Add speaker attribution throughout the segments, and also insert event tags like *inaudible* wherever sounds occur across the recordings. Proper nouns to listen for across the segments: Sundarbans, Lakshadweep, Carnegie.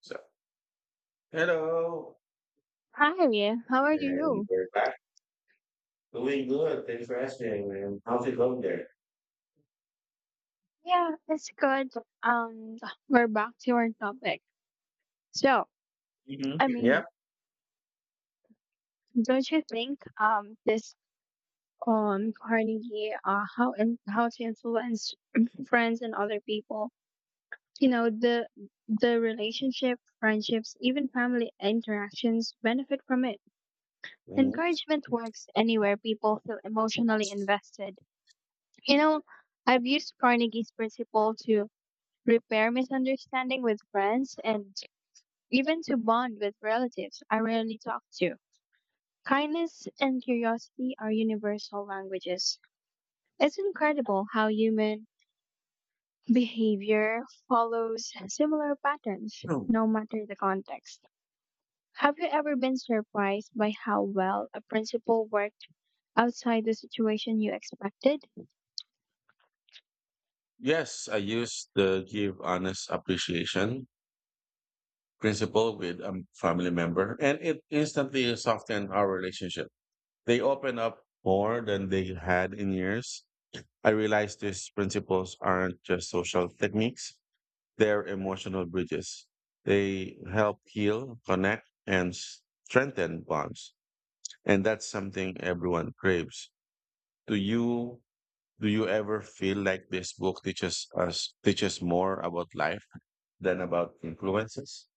Speaker 1: So, Hello.
Speaker 2: Hi, how are
Speaker 1: And
Speaker 2: you?
Speaker 1: we're back. Doing good. Thanks for asking, man. How's it going there?
Speaker 2: Yeah, it's good. Um, we're back to our topic. So,
Speaker 1: Hmm.
Speaker 2: I
Speaker 1: Yep.
Speaker 2: mean, don't you think this Carnegie how to influence *clears throat* friends and other people? You know, the relationship, friendships, even family interactions benefit from it.
Speaker 1: Mhm.
Speaker 2: Encouragement works anywhere people feel emotionally invested. You know, I've used Carnegie's principle to repair misunderstanding with friends and even to bond with relatives I rarely talk to. Kindness and curiosity are universal languages. It's incredible how human behavior follows similar patterns,
Speaker 1: Hmm.
Speaker 2: no matter the context. Have you ever been surprised by how well a principle worked outside the situation you expected?
Speaker 1: Yes, I use the give honest appreciation principle with a family member, and it instantly softened our relationship. They open up more than they had in years. I realized these principles aren't just social techniques, they're emotional bridges. They help heal, connect, and strengthen bonds. And that's something everyone craves. Do you do you ever feel like this book teaches more about life than about influences?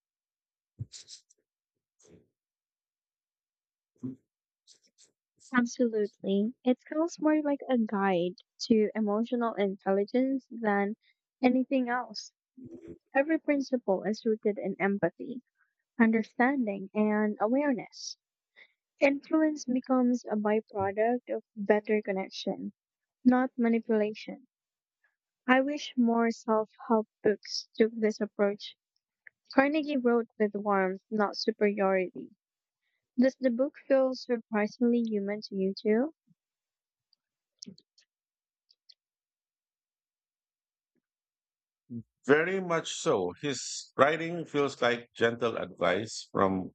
Speaker 2: Absolutely. It feels more like a guide to emotional intelligence than anything else. Every principle is rooted in empathy, understanding, and awareness. Influence becomes a byproduct of better connection, not manipulation. I wish more self help books took this approach. Carnegie wrote with warmth, not superiority. Does the book feel surprisingly human to you too?
Speaker 1: Very much so. His writing feels like gentle advice from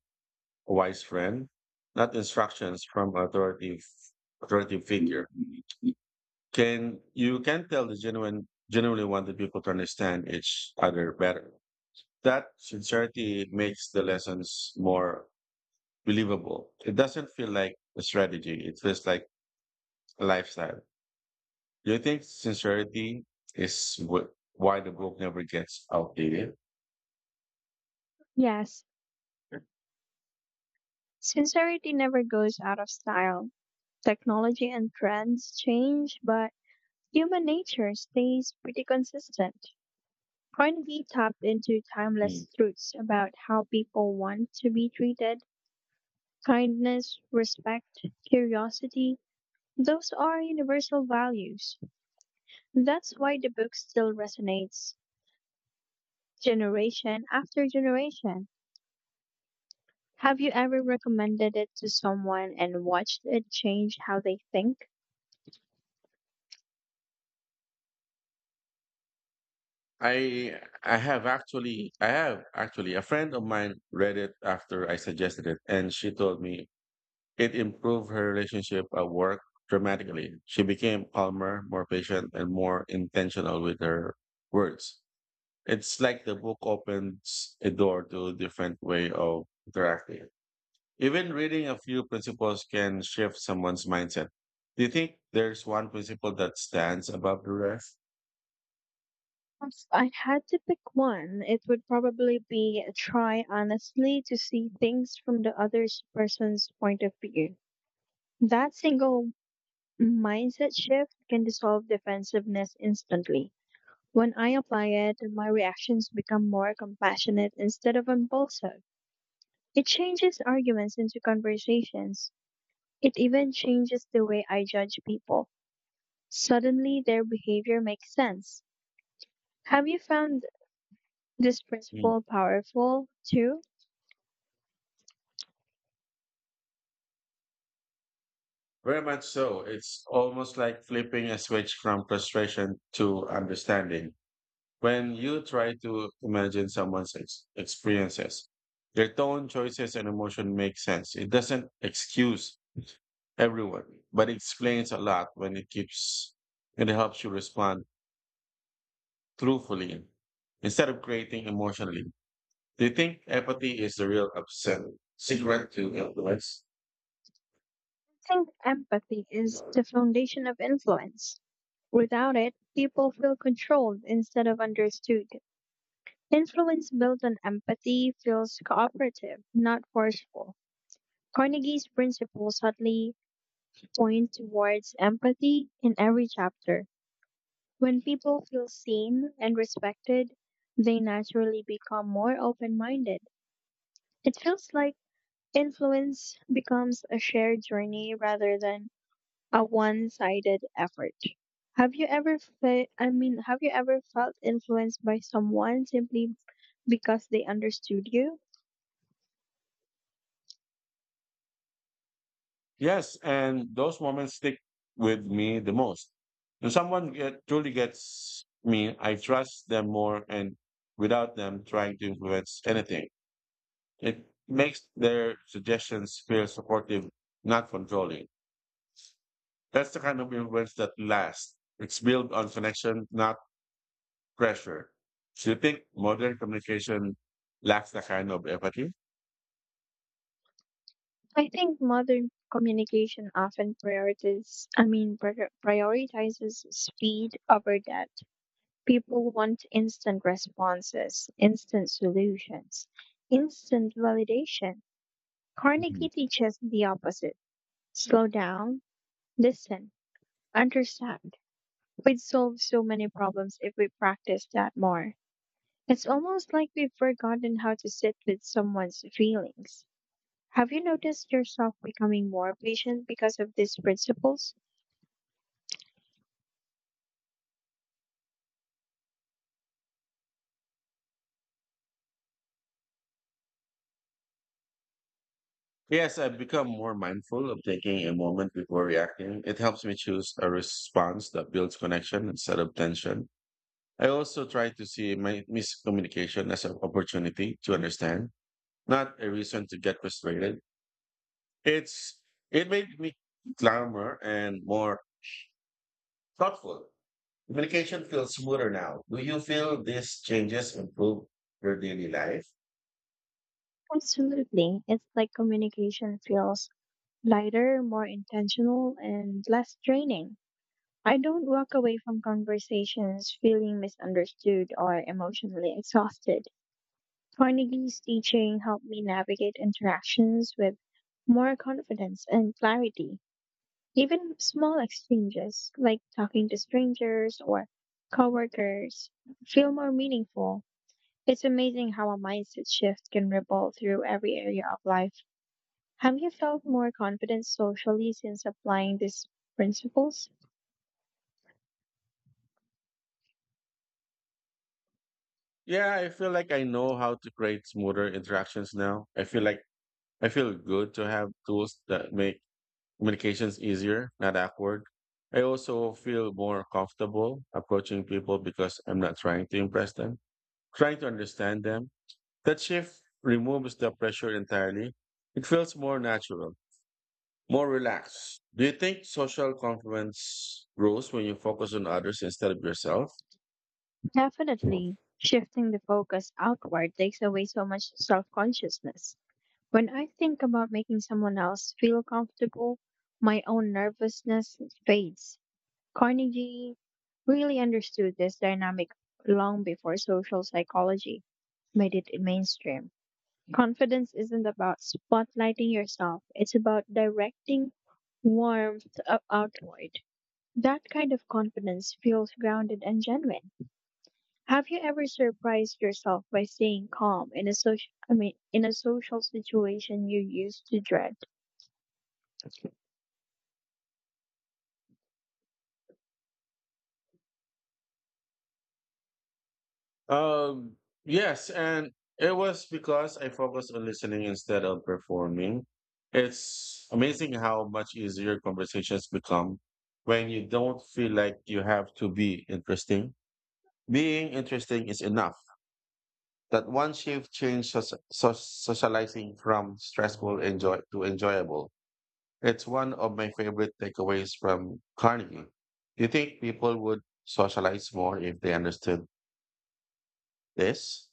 Speaker 1: a wise friend, not instructions from authoritative authoritative figure. Can tell the genuinely wanted people to understand each other better. That sincerity makes the lessons more believable. It doesn't feel like a strategy. It feels like a lifestyle. Do you think sincerity is why the book never gets outdated?
Speaker 2: Yes, sincerity never goes out of style. Technology and trends change, but human nature stays pretty consistent. Carnegie tapped into
Speaker 1: Mm.
Speaker 2: timeless truths about how people want to be treated. Kindness, respect, curiosity, those are universal values. That's why the book still resonates generation after generation. Have you ever recommended it to someone and watched it change how they think?
Speaker 1: I have actually a friend of mine read it after I suggested it, and she told me it improved her relationship at work dramatically. She became calmer, more patient, and more intentional with her words. It's like the book opens a door to a different way of interacting. Even reading a few principles can shift someone's mindset. Do you think there's one principle that stands above the rest?
Speaker 2: If I had to pick one, it would probably be try honestly to see things from the other person's point of view. That single mindset shift can dissolve defensiveness instantly. When I apply it, my reactions become more compassionate instead of impulsive. It changes arguments into conversations. It even changes the way I judge people. Suddenly, their behavior makes sense. Have you found this
Speaker 1: Mm.
Speaker 2: principle powerful too?
Speaker 1: Very much so. It's almost like flipping a switch from frustration to understanding. When you try to imagine someone's experiences, their tone, choices, and emotion make sense. It doesn't excuse everyone, but it explains a lot when it helps you respond truthfully instead of creating emotionally. Do you think empathy is the real upset secret to influence?
Speaker 2: I think empathy is the foundation of influence. Without it, people feel controlled instead of understood. Influence built on empathy feels cooperative, not forceful. Carnegie's principles subtly point towards empathy in every chapter. When people feel seen and respected, they naturally become more open minded. It feels like influence becomes a shared journey rather than a one-sided effort. Have you ever I mean, have you ever felt influenced by someone simply because they understood you?
Speaker 1: Yes, and those moments stick with me the most. When truly gets me, I trust them more, and without them trying to influence anything, it makes their suggestions feel supportive, not controlling. That's the kind of influence that lasts. It's built on connection, not pressure. Do you think modern communication lacks that kind of empathy?
Speaker 2: I think modern communication often prioritizes, I mean, prioritizes speed over depth. People want instant responses, instant solutions, instant validation. Carnegie teaches the opposite. Slow down, listen, understand. We'd solve so many problems if we practiced that more. It's almost like we've forgotten how to sit with someone's feelings. Have you noticed yourself becoming more patient because of these principles?
Speaker 1: Yes, I've become more mindful of taking a moment before reacting. It helps me choose a response that builds connection instead of tension. I also try to see my miscommunication as an opportunity to understand, not a reason to get frustrated. It's it made me calmer and more thoughtful. Communication feels smoother now. Do you feel these changes improve your daily life?
Speaker 2: Absolutely. It's like communication feels lighter, more intentional, and less draining. I don't walk away from conversations feeling misunderstood or emotionally exhausted. Carnegie's teaching helped me navigate interactions with more confidence and clarity. Even small exchanges, like talking to strangers or coworkers, feel more meaningful. It's amazing how a mindset shift can ripple through every area of life. Have you felt more confident socially since applying these principles?
Speaker 1: Yeah, I feel like I know how to create smoother interactions now. I feel good to have tools that make Communication's easier, not awkward. I also feel more comfortable approaching people because I'm not trying to impress them, trying to understand them. That shift removes the pressure entirely. It feels more natural, more relaxed. Do you think social confidence grows when you focus on others instead of yourself?
Speaker 2: Definitely, shifting the focus outward takes away so much self consciousness. When I think about making someone else feel comfortable, my own nervousness fades. Carnegie really understood this dynamic long before social psychology made it mainstream. Confidence isn't about spotlighting yourself, it's about directing warmth outward. That kind of confidence feels grounded and genuine. Have you ever surprised yourself by staying calm in a social I mean in a social situation you used to dread?
Speaker 1: Um, yes, and it was because I focused on listening instead of performing. It's amazing how much easier conversations become when you don't feel like you have to be interesting. Being interesting is enough. That one shift changed socializing from stressful enjoy to enjoyable. It's one of my favorite takeaways from Carnegie. Do you think people would socialize more if they understood this?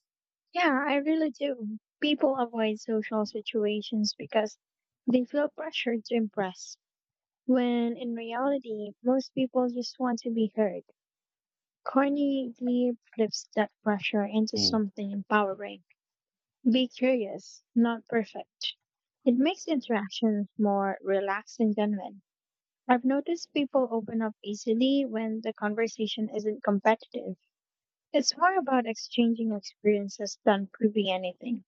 Speaker 2: Yeah, I really do. People avoid social situations because they feel pressured to impress, when in reality, most people just want to be heard. Corny Lee flips that pressure into
Speaker 1: Mm.
Speaker 2: something empowering. Be curious, not perfect. It makes interactions more relaxed and genuine. I've noticed people open up easily when the conversation isn't competitive. It's more about exchanging experiences than proving anything.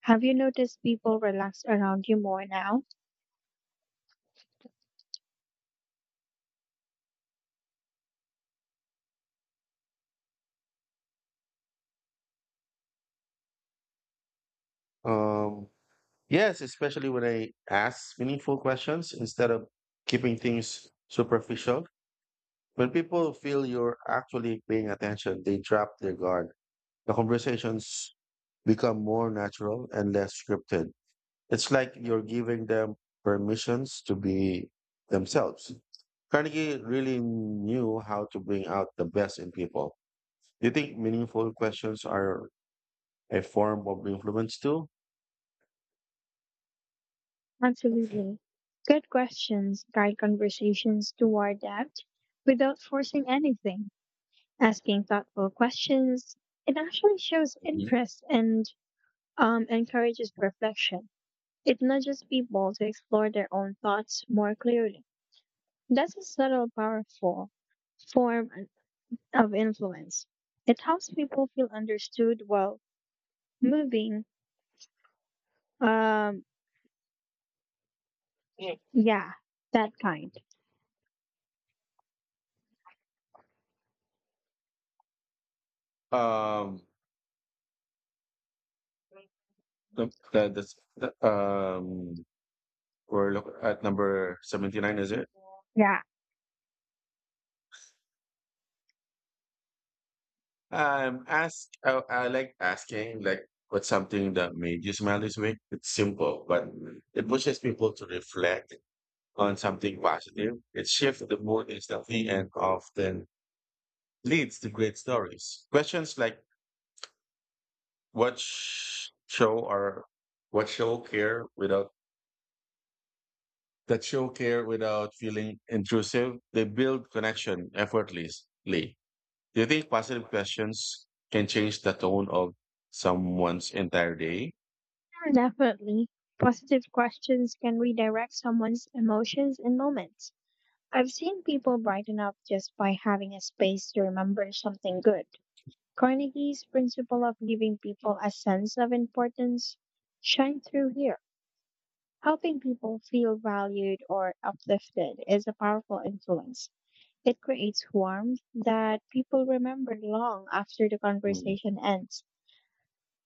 Speaker 2: Have you noticed people relax around you more now?
Speaker 1: Um, Yes, especially when I ask meaningful questions instead of keeping things superficial. When people feel you're actually paying attention, they drop their guard. The conversations become more natural and less scripted. It's like you're giving them permissions to be themselves. Carnegie really knew how to bring out the best in people. Do you think meaningful questions are a form of influence too?
Speaker 2: Absolutely. Good questions guide conversations toward depth without forcing anything. Asking thoughtful questions, it actually shows
Speaker 1: Mhm.
Speaker 2: interest and encourages reflection. It nudges people to explore their own thoughts more clearly. That's a subtle, powerful form of influence. It helps people feel understood while moving. Um, yeah, that kind.
Speaker 1: Um, Nope, that's that. We're look at number 79, is it?
Speaker 2: Yeah,
Speaker 1: Ask, I like asking like, what's something that made you smile this week? It's simple but it pushes people to reflect on something positive. It shifts the mood instantly and often leads to great stories. Questions like what sh- show or what show care without that show care without feeling intrusive, they build connection effortlessly. Do you think positive questions can change the tone of someone's entire day?
Speaker 2: definitely. Positive questions can redirect someone's emotions and moments. I've seen people brighten up just by having a space to remember something good. Carnegie's principle of giving people a sense of importance shine through here. Helping people feel valued or uplifted is a powerful influence. It creates warmth that people remember long after the
Speaker 1: Mm.
Speaker 2: conversation ends.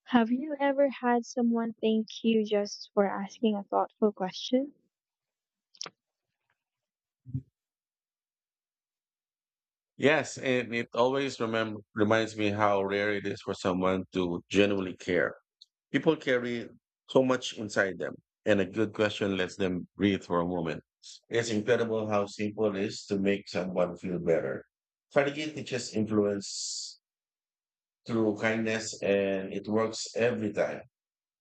Speaker 2: Have you ever had someone thank you just for asking a thoughtful question?
Speaker 1: Yes, and it always remem reminds me how rare it is for someone to genuinely care. People carry so much inside them, and a good question lets them breathe for a moment. It's incredible how simple it is to make someone feel better. Strategy teaches influence through kindness, and it works every time.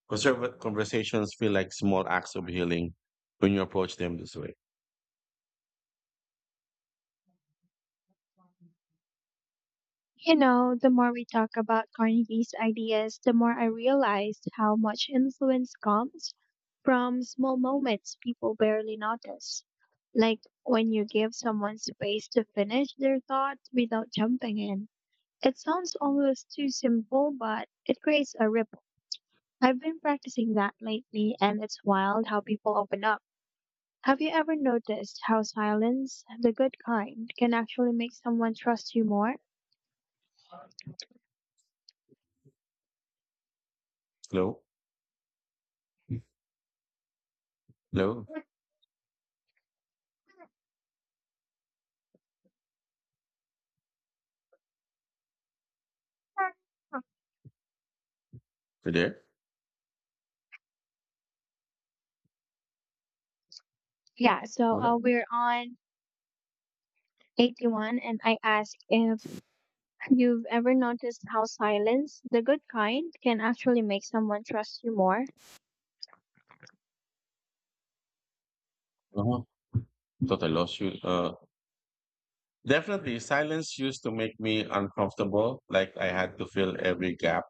Speaker 1: Conservative conversations feel like small acts of healing when you approach them this way.
Speaker 2: You know, the more we talk about Carnegie's ideas, the more I realized how much influence comes from small moments people barely notice. Like when you give someone space to finish their thoughts without jumping in. It sounds almost too simple, but it creates a ripple. I've been practicing that lately, and it's wild how people open up. Have you ever noticed how silence, the good kind, can actually make someone trust you more?
Speaker 1: Hello? Hello? You there?
Speaker 2: Yeah, so
Speaker 1: What?
Speaker 2: we're on 81, and I ask if you've ever noticed how silence, the good kind, can actually make someone trust you more.
Speaker 1: Uh-huh. Thought I lost you. Definitely, silence used to make me uncomfortable, like I had to fill every gap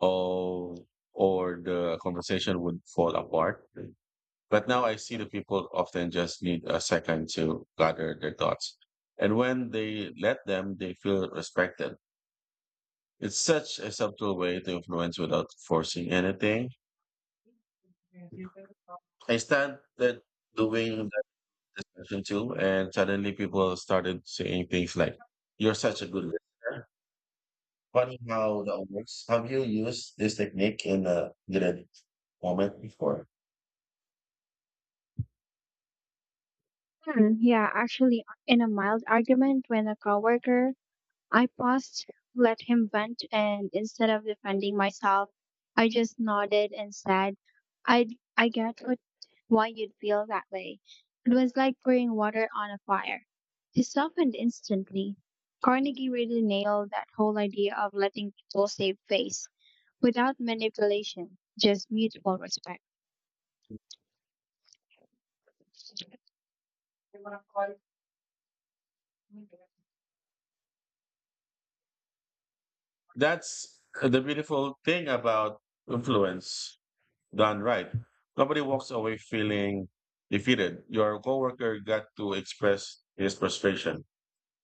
Speaker 1: or, or the conversation would fall apart. But now I see the people often just need a second to gather their thoughts. And when they let them, they feel respected. It's such a subtle way to influence without forcing anything. I started doing that discussion too, and suddenly people started saying things like, "You're such a good listener." Funny how that works. Have you used this technique in a given moment before?
Speaker 2: Hmm, yeah, actually, in a mild argument when a coworker I paused, let him vent, and instead of defending myself, I just nodded and said, I, I get why you'd feel that way. It was like pouring water on a fire. He softened instantly. Carnegie really nailed that whole idea of letting people save face without manipulation, just mutual respect.
Speaker 1: That's the beautiful thing about influence done right. Nobody walks away feeling defeated. Your coworker got to express his frustration,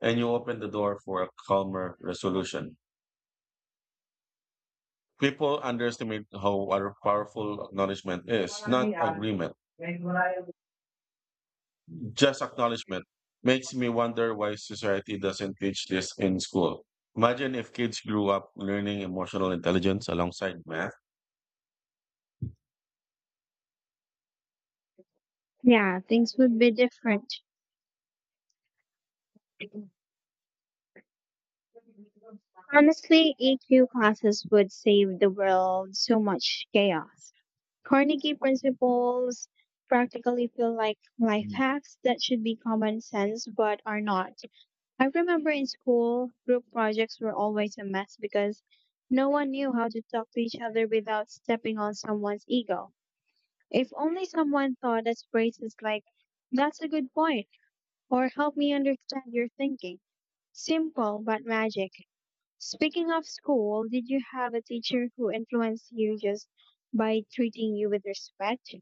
Speaker 1: and you open the door for a calmer resolution. People underestimate how powerful acknowledgement is, not agreement. Just acknowledgement makes me wonder why society doesn't teach this in school. Imagine if kids grew up learning emotional intelligence alongside math.
Speaker 2: Yeah, things would be different. Honestly, EQ classes would save the world so much chaos. Carnegie principles practically feel like life
Speaker 1: Mm.
Speaker 2: hacks that should be common sense but are not. I remember in school, group projects were always a mess because no one knew how to talk to each other without stepping on someone's ego. If only someone thought us phrases like, that's a good point, or help me understand your thinking. Simple but magic. Speaking of school, did you have a teacher who influenced you just by treating you with respect?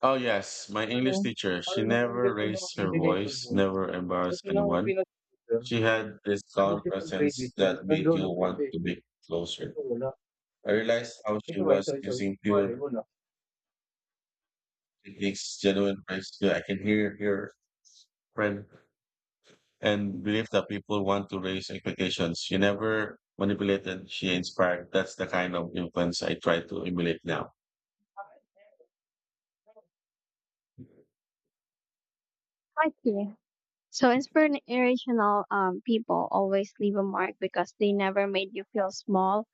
Speaker 1: Oh, yes, my
Speaker 2: Ano,
Speaker 1: English teacher.
Speaker 2: para
Speaker 1: She
Speaker 2: lang hindi
Speaker 1: never
Speaker 2: rin ako
Speaker 1: raised her
Speaker 2: bibigay ko
Speaker 1: voice,
Speaker 2: yun.
Speaker 1: never embarrassed
Speaker 2: Ito lang ang
Speaker 1: anyone.
Speaker 2: pinag-teacher.
Speaker 1: She had this
Speaker 2: Tapos
Speaker 1: calm
Speaker 2: itong
Speaker 1: presence
Speaker 2: previous na,
Speaker 1: that made
Speaker 2: nandoon
Speaker 1: you
Speaker 2: ang
Speaker 1: want
Speaker 2: previous.
Speaker 1: to be closer.
Speaker 2: Ito wala.
Speaker 1: I realized how she
Speaker 2: Ito ba, ito,
Speaker 1: was
Speaker 2: ito, ito,
Speaker 1: using
Speaker 2: wala,
Speaker 1: pure
Speaker 2: wala.
Speaker 1: techniques, genuine praise. Yeah, I can hear your friend and believe that people want to raise expectations. She never manipulated, she inspired. That's the kind of influence I try to emulate now.
Speaker 2: Okay. So inspirational people always leave a mark because they never made you feel small.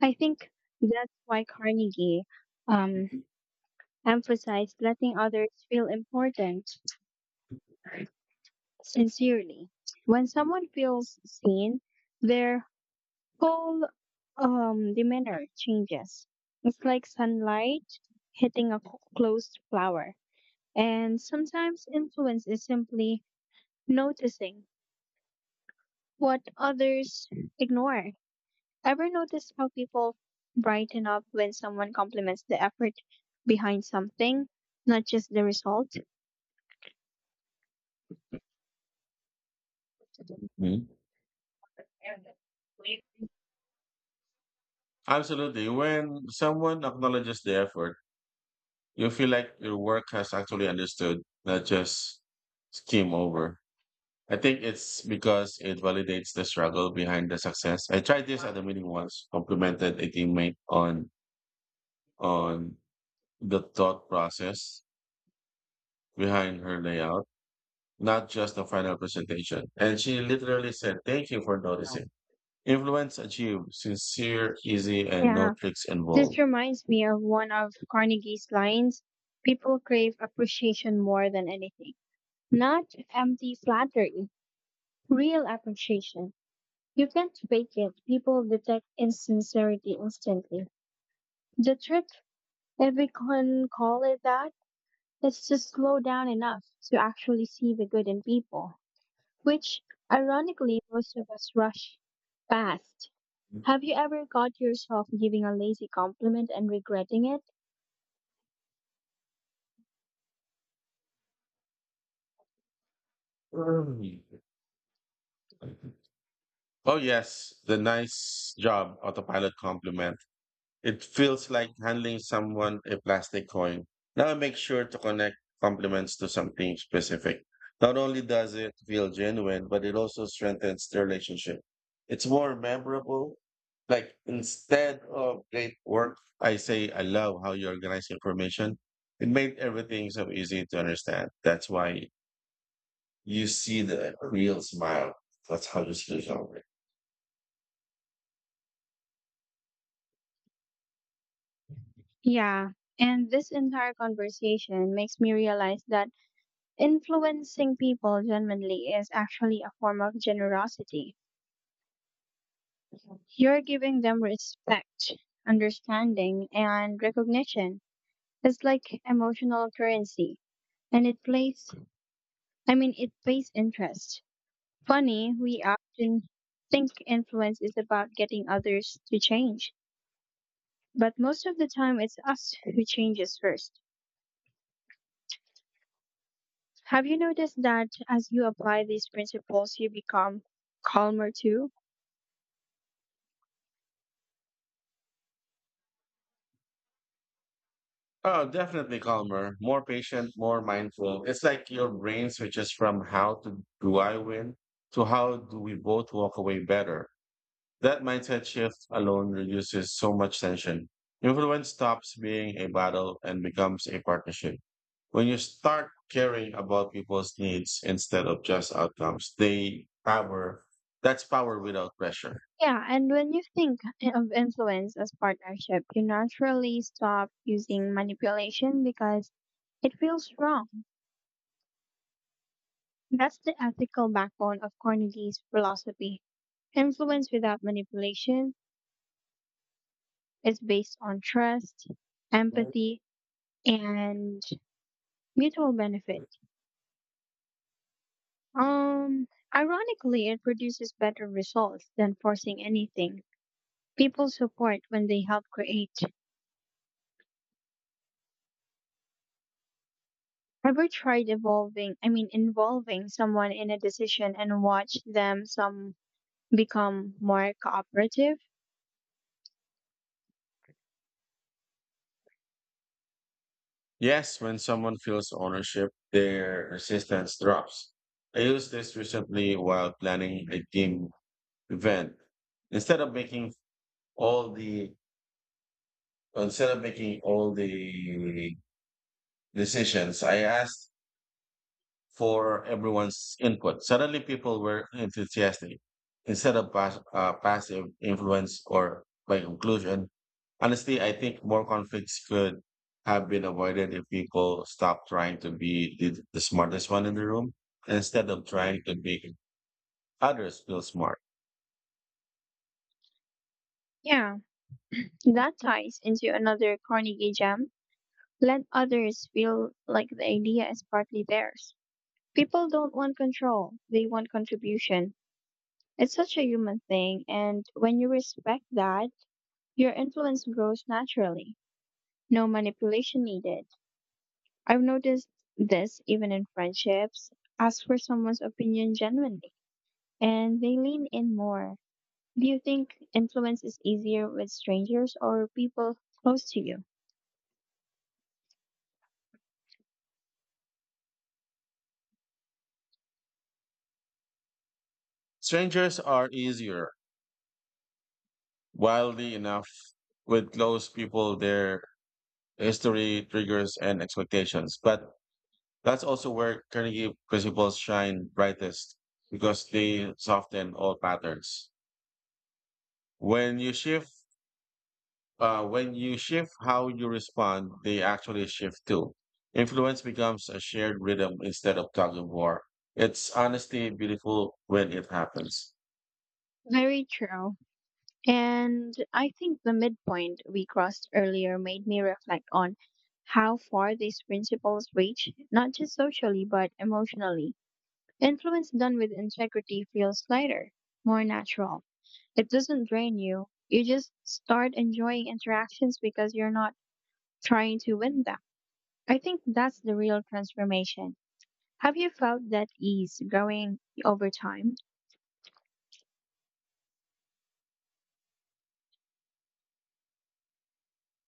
Speaker 2: I think that's why Carnegie um, emphasized letting others feel important. Sincerely. When someone feels seen, their whole demeanor changes. It's like sunlight hitting a closed flower. And sometimes influence is simply noticing what others ignore. Ever notice how people brighten up when someone compliments the effort behind something, not just the result?
Speaker 1: Mhm. Absolutely. When someone acknowledges the effort, you feel like your work has actually understood, not just skim over. I think it's because it validates the struggle behind the success. I tried this at a meeting once, complimented a teammate on the thought process behind her layout, not just the final presentation. And she literally said, "Thank you for noticing." Influence achieved, sincere, easy, and no
Speaker 2: Yeah.
Speaker 1: tricks
Speaker 2: This
Speaker 1: involved.
Speaker 2: reminds me of one of Carnegie's lines people crave appreciation more than anything. Not empty flattery, real appreciation. You can't fake it. People detect insincerity instantly. The trick, if we can call it that, is to slow down enough to actually see the good in people, which ironically most of us rush past. Have you ever caught yourself giving a lazy compliment and regretting it?
Speaker 1: Mm. Oh yes, the nice job autopilot compliment. It feels like handling someone a plastic coin. Now I make sure to connect compliments to something specific. Not only does it feel genuine, but it also strengthens the relationship. It's more memorable. Like instead of great work, I say I love how you organize information. It made everything so easy to understand. That's why you see the real smile. That's how you see it.
Speaker 2: Yeah, and this entire conversation makes me realize that influencing people genuinely is actually a form of generosity. You're giving them respect, understanding, and recognition. It's like emotional currency, and it plays, I mean, it pays interest. Funny, we often think influence is about getting others to change, but most of the time it's us who changes first. Have you noticed that as you apply these principles, you become calmer too?
Speaker 1: Oh, definitely calmer, more patient, more mindful. It's like your brain switches from how to do I win to how do we both walk away better. That mindset shift alone reduces so much tension. Influence stops being a battle and becomes a partnership. When you start caring about people's needs instead of just outcomes, they power, that's power without pressure.
Speaker 2: Yeah, and when you think of influence as partnership, you naturally stop using manipulation because it feels wrong. That's the ethical backbone of Carnegie's philosophy. Influence without manipulation is based on trust, empathy, and mutual benefit. Um, Ironically, it produces better results than forcing anything. People support when they help create. Have you tried evolving, I mean, involving someone in a decision and watch them some become more cooperative?
Speaker 1: Yes, when someone feels ownership, their resistance drops. I used this recently while planning a team event. Instead of making all the Instead of making all the decisions, I asked for everyone's input. Suddenly, people were enthusiastic instead of passive influence or by inclusion. Honestly, I think more conflicts could have been avoided if people stopped trying to be the smartest one in the room instead of trying to make others feel smart.
Speaker 2: Yeah, that ties into another Carnegie gem. Let others feel like the idea is partly theirs. People don't want control, they want contribution. It's such a human thing, and when you respect that, your influence grows naturally. No manipulation needed. I've noticed this even in friendships. Ask for someone's opinion genuinely, and they lean in more. Do you think influence is easier with strangers or people close to you?
Speaker 1: Strangers are easier, wildly enough, with close people, their history, triggers, and expectations. But that's also where Carnegie principles shine brightest because they soften all patterns. When you shift, when you shift how you respond, they actually shift too. Influence becomes a shared rhythm instead of tug of war. It's honestly beautiful when it happens.
Speaker 2: Very true. And I think the midpoint we crossed earlier made me reflect on how far these principles reach, not just socially, but emotionally. Influence done with integrity feels lighter, more natural. It doesn't drain you. You just start enjoying interactions because you're not trying to win them. I think that's the real transformation. Have you felt that ease growing over time?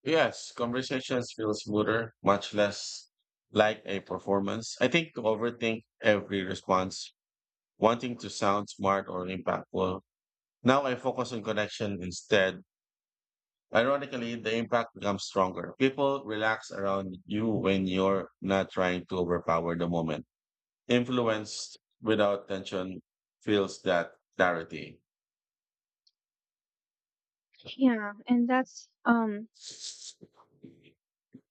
Speaker 1: Yes, conversations feel smoother, much less like a performance. I think to overthink every response, wanting to sound smart or impactful. Now I focus on connection instead. Ironically, the impact becomes stronger. People relax around you when you're not trying to overpower the moment. Influenced without tension feels that clarity.
Speaker 2: Yeah, and that's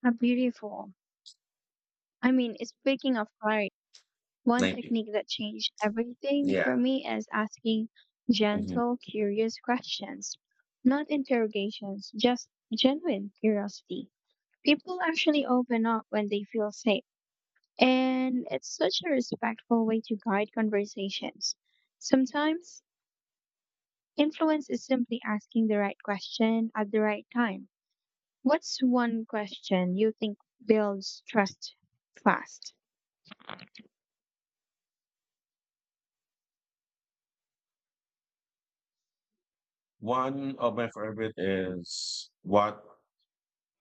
Speaker 2: a beautiful. I mean, it's speaking of clarity, one
Speaker 1: 90.
Speaker 2: technique that changed everything
Speaker 1: Yeah.
Speaker 2: for me is asking
Speaker 1: Mhm.
Speaker 2: gentle, curious questions, not interrogations, just genuine curiosity. People actually open up when they feel safe. And it's such a respectful way to guide conversations. Sometimes influence is simply asking the right question at the right time. What's one question you think builds trust fast?
Speaker 1: One of my favorite is what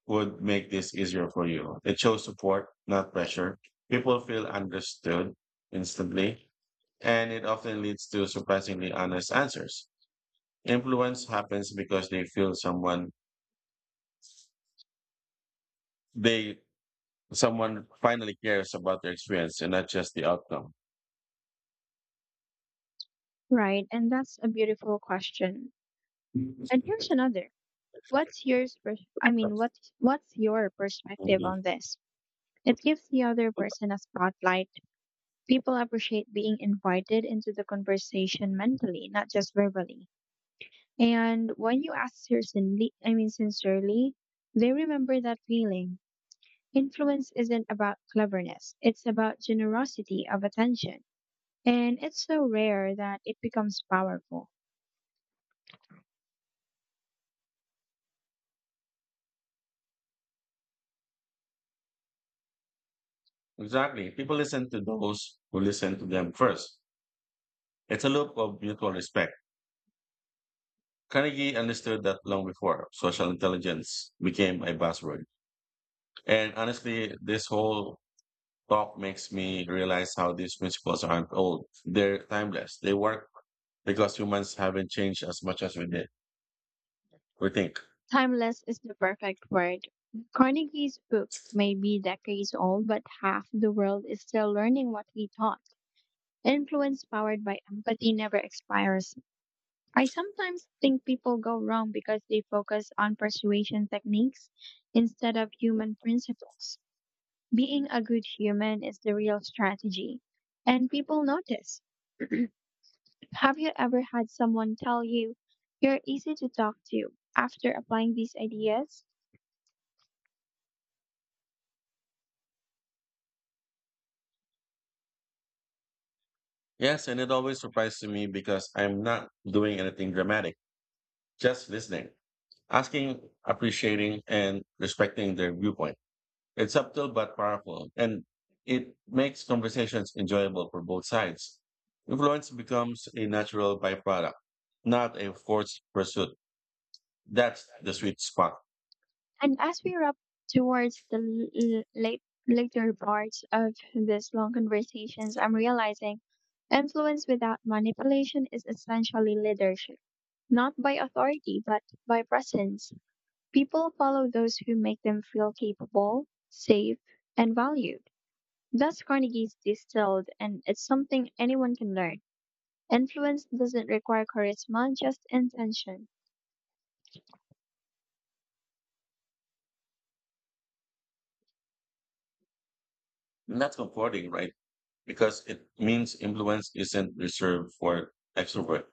Speaker 1: would make this easier for you. It shows support, not pressure. People feel understood instantly, and it often leads to surprisingly honest answers. Influence happens because they feel they someone finally cares about their experience and not just the outcome.
Speaker 2: Right, and that's a beautiful question. And here's another. What's yours? I mean, what's your perspective on this? It gives the other person a spotlight. People appreciate being invited into the conversation mentally, not just verbally. And when you ask sincerely, I mean sincerely, they remember that feeling. Influence isn't about cleverness, it's about generosity of attention. And it's so rare that it becomes powerful.
Speaker 1: Exactly. People listen to those who listen to them first. It's a loop of mutual respect. Carnegie understood that long before social intelligence became a buzzword. And honestly, this whole talk makes me realize how these principles aren't old. They're timeless. They work because humans haven't changed as much as we did. We think.
Speaker 2: Timeless is the perfect word. Carnegie's book may be decades old, but half the world is still learning what he taught. Influence powered by empathy never expires. I sometimes think people go wrong because they focus on persuasion techniques instead of human principles. Being a good human is the real strategy, and people notice. Have you ever had someone tell you you're easy to talk to after applying these ideas?
Speaker 1: Yes, and it always surprises me because I'm not doing anything dramatic, just listening, asking, appreciating, and respecting their viewpoint. It's subtle but powerful, and it makes conversations enjoyable for both sides. Influence becomes a natural byproduct, not a forced pursuit. That's the sweet spot.
Speaker 2: And as we wrap towards the later parts of this long conversations, I'm realizing influence without manipulation is essentially leadership, not by authority, but by presence. People follow those who make them feel capable, safe, and valued. That's Carnegie's distilled, and it's something anyone can learn. Influence doesn't require charisma, just intention.
Speaker 1: And That's comforting, right? Because it means influence isn't reserved for extrovert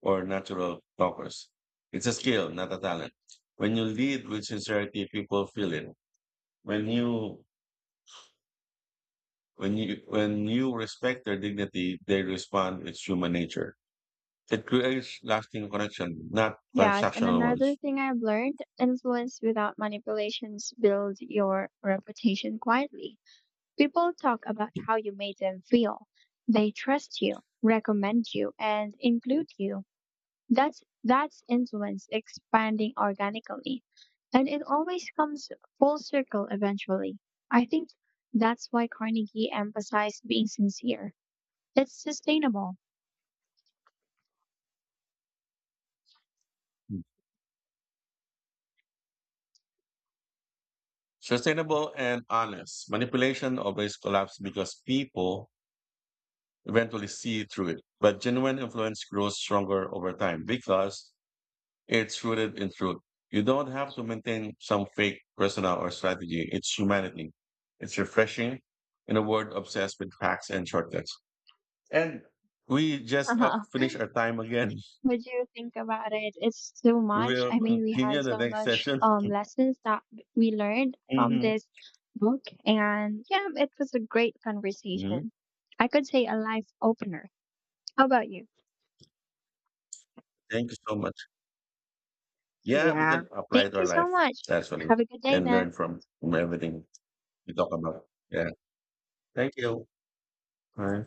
Speaker 1: or natural talkers. It's a skill, not a talent. When you lead with sincerity, people feel it. When you when you respect their dignity, they respond. It's human nature. It creates lasting connection, not
Speaker 2: Yes, and
Speaker 1: transactional
Speaker 2: another
Speaker 1: ones.
Speaker 2: thing I've learned influence without manipulations builds your reputation quietly. People talk about how you made them feel. They trust you, recommend you, and include you. That's influence expanding organically. And it always comes full circle eventually. I think that's why Carnegie emphasized being sincere. It's sustainable.
Speaker 1: Sustainable and honest. Manipulation always collapses because people eventually see through it. But genuine influence grows stronger over time because it's rooted in truth. You don't have to maintain some fake persona or strategy. It's humanity. It's refreshing in a world obsessed with facts and shortcuts. And we just
Speaker 2: *laughs*
Speaker 1: finished our time again. *laughs*
Speaker 2: What do you think about it? It's too
Speaker 1: We
Speaker 2: much.
Speaker 1: will
Speaker 2: I mean, we had
Speaker 1: continue the
Speaker 2: so
Speaker 1: next
Speaker 2: much
Speaker 1: session.
Speaker 2: lessons that we learned from
Speaker 1: Hmm.
Speaker 2: this book, and yeah, it was a great
Speaker 1: Hmm.
Speaker 2: conversation. I could say a life opener. How about you?
Speaker 1: Thank you so much. Yeah, we
Speaker 2: Yeah.
Speaker 1: can apply
Speaker 2: Thank
Speaker 1: it to
Speaker 2: you
Speaker 1: our
Speaker 2: so
Speaker 1: life,
Speaker 2: much.
Speaker 1: actually,
Speaker 2: Have a good day
Speaker 1: and
Speaker 2: then.
Speaker 1: learn from everything we talk about. Yeah. Thank you. Bye.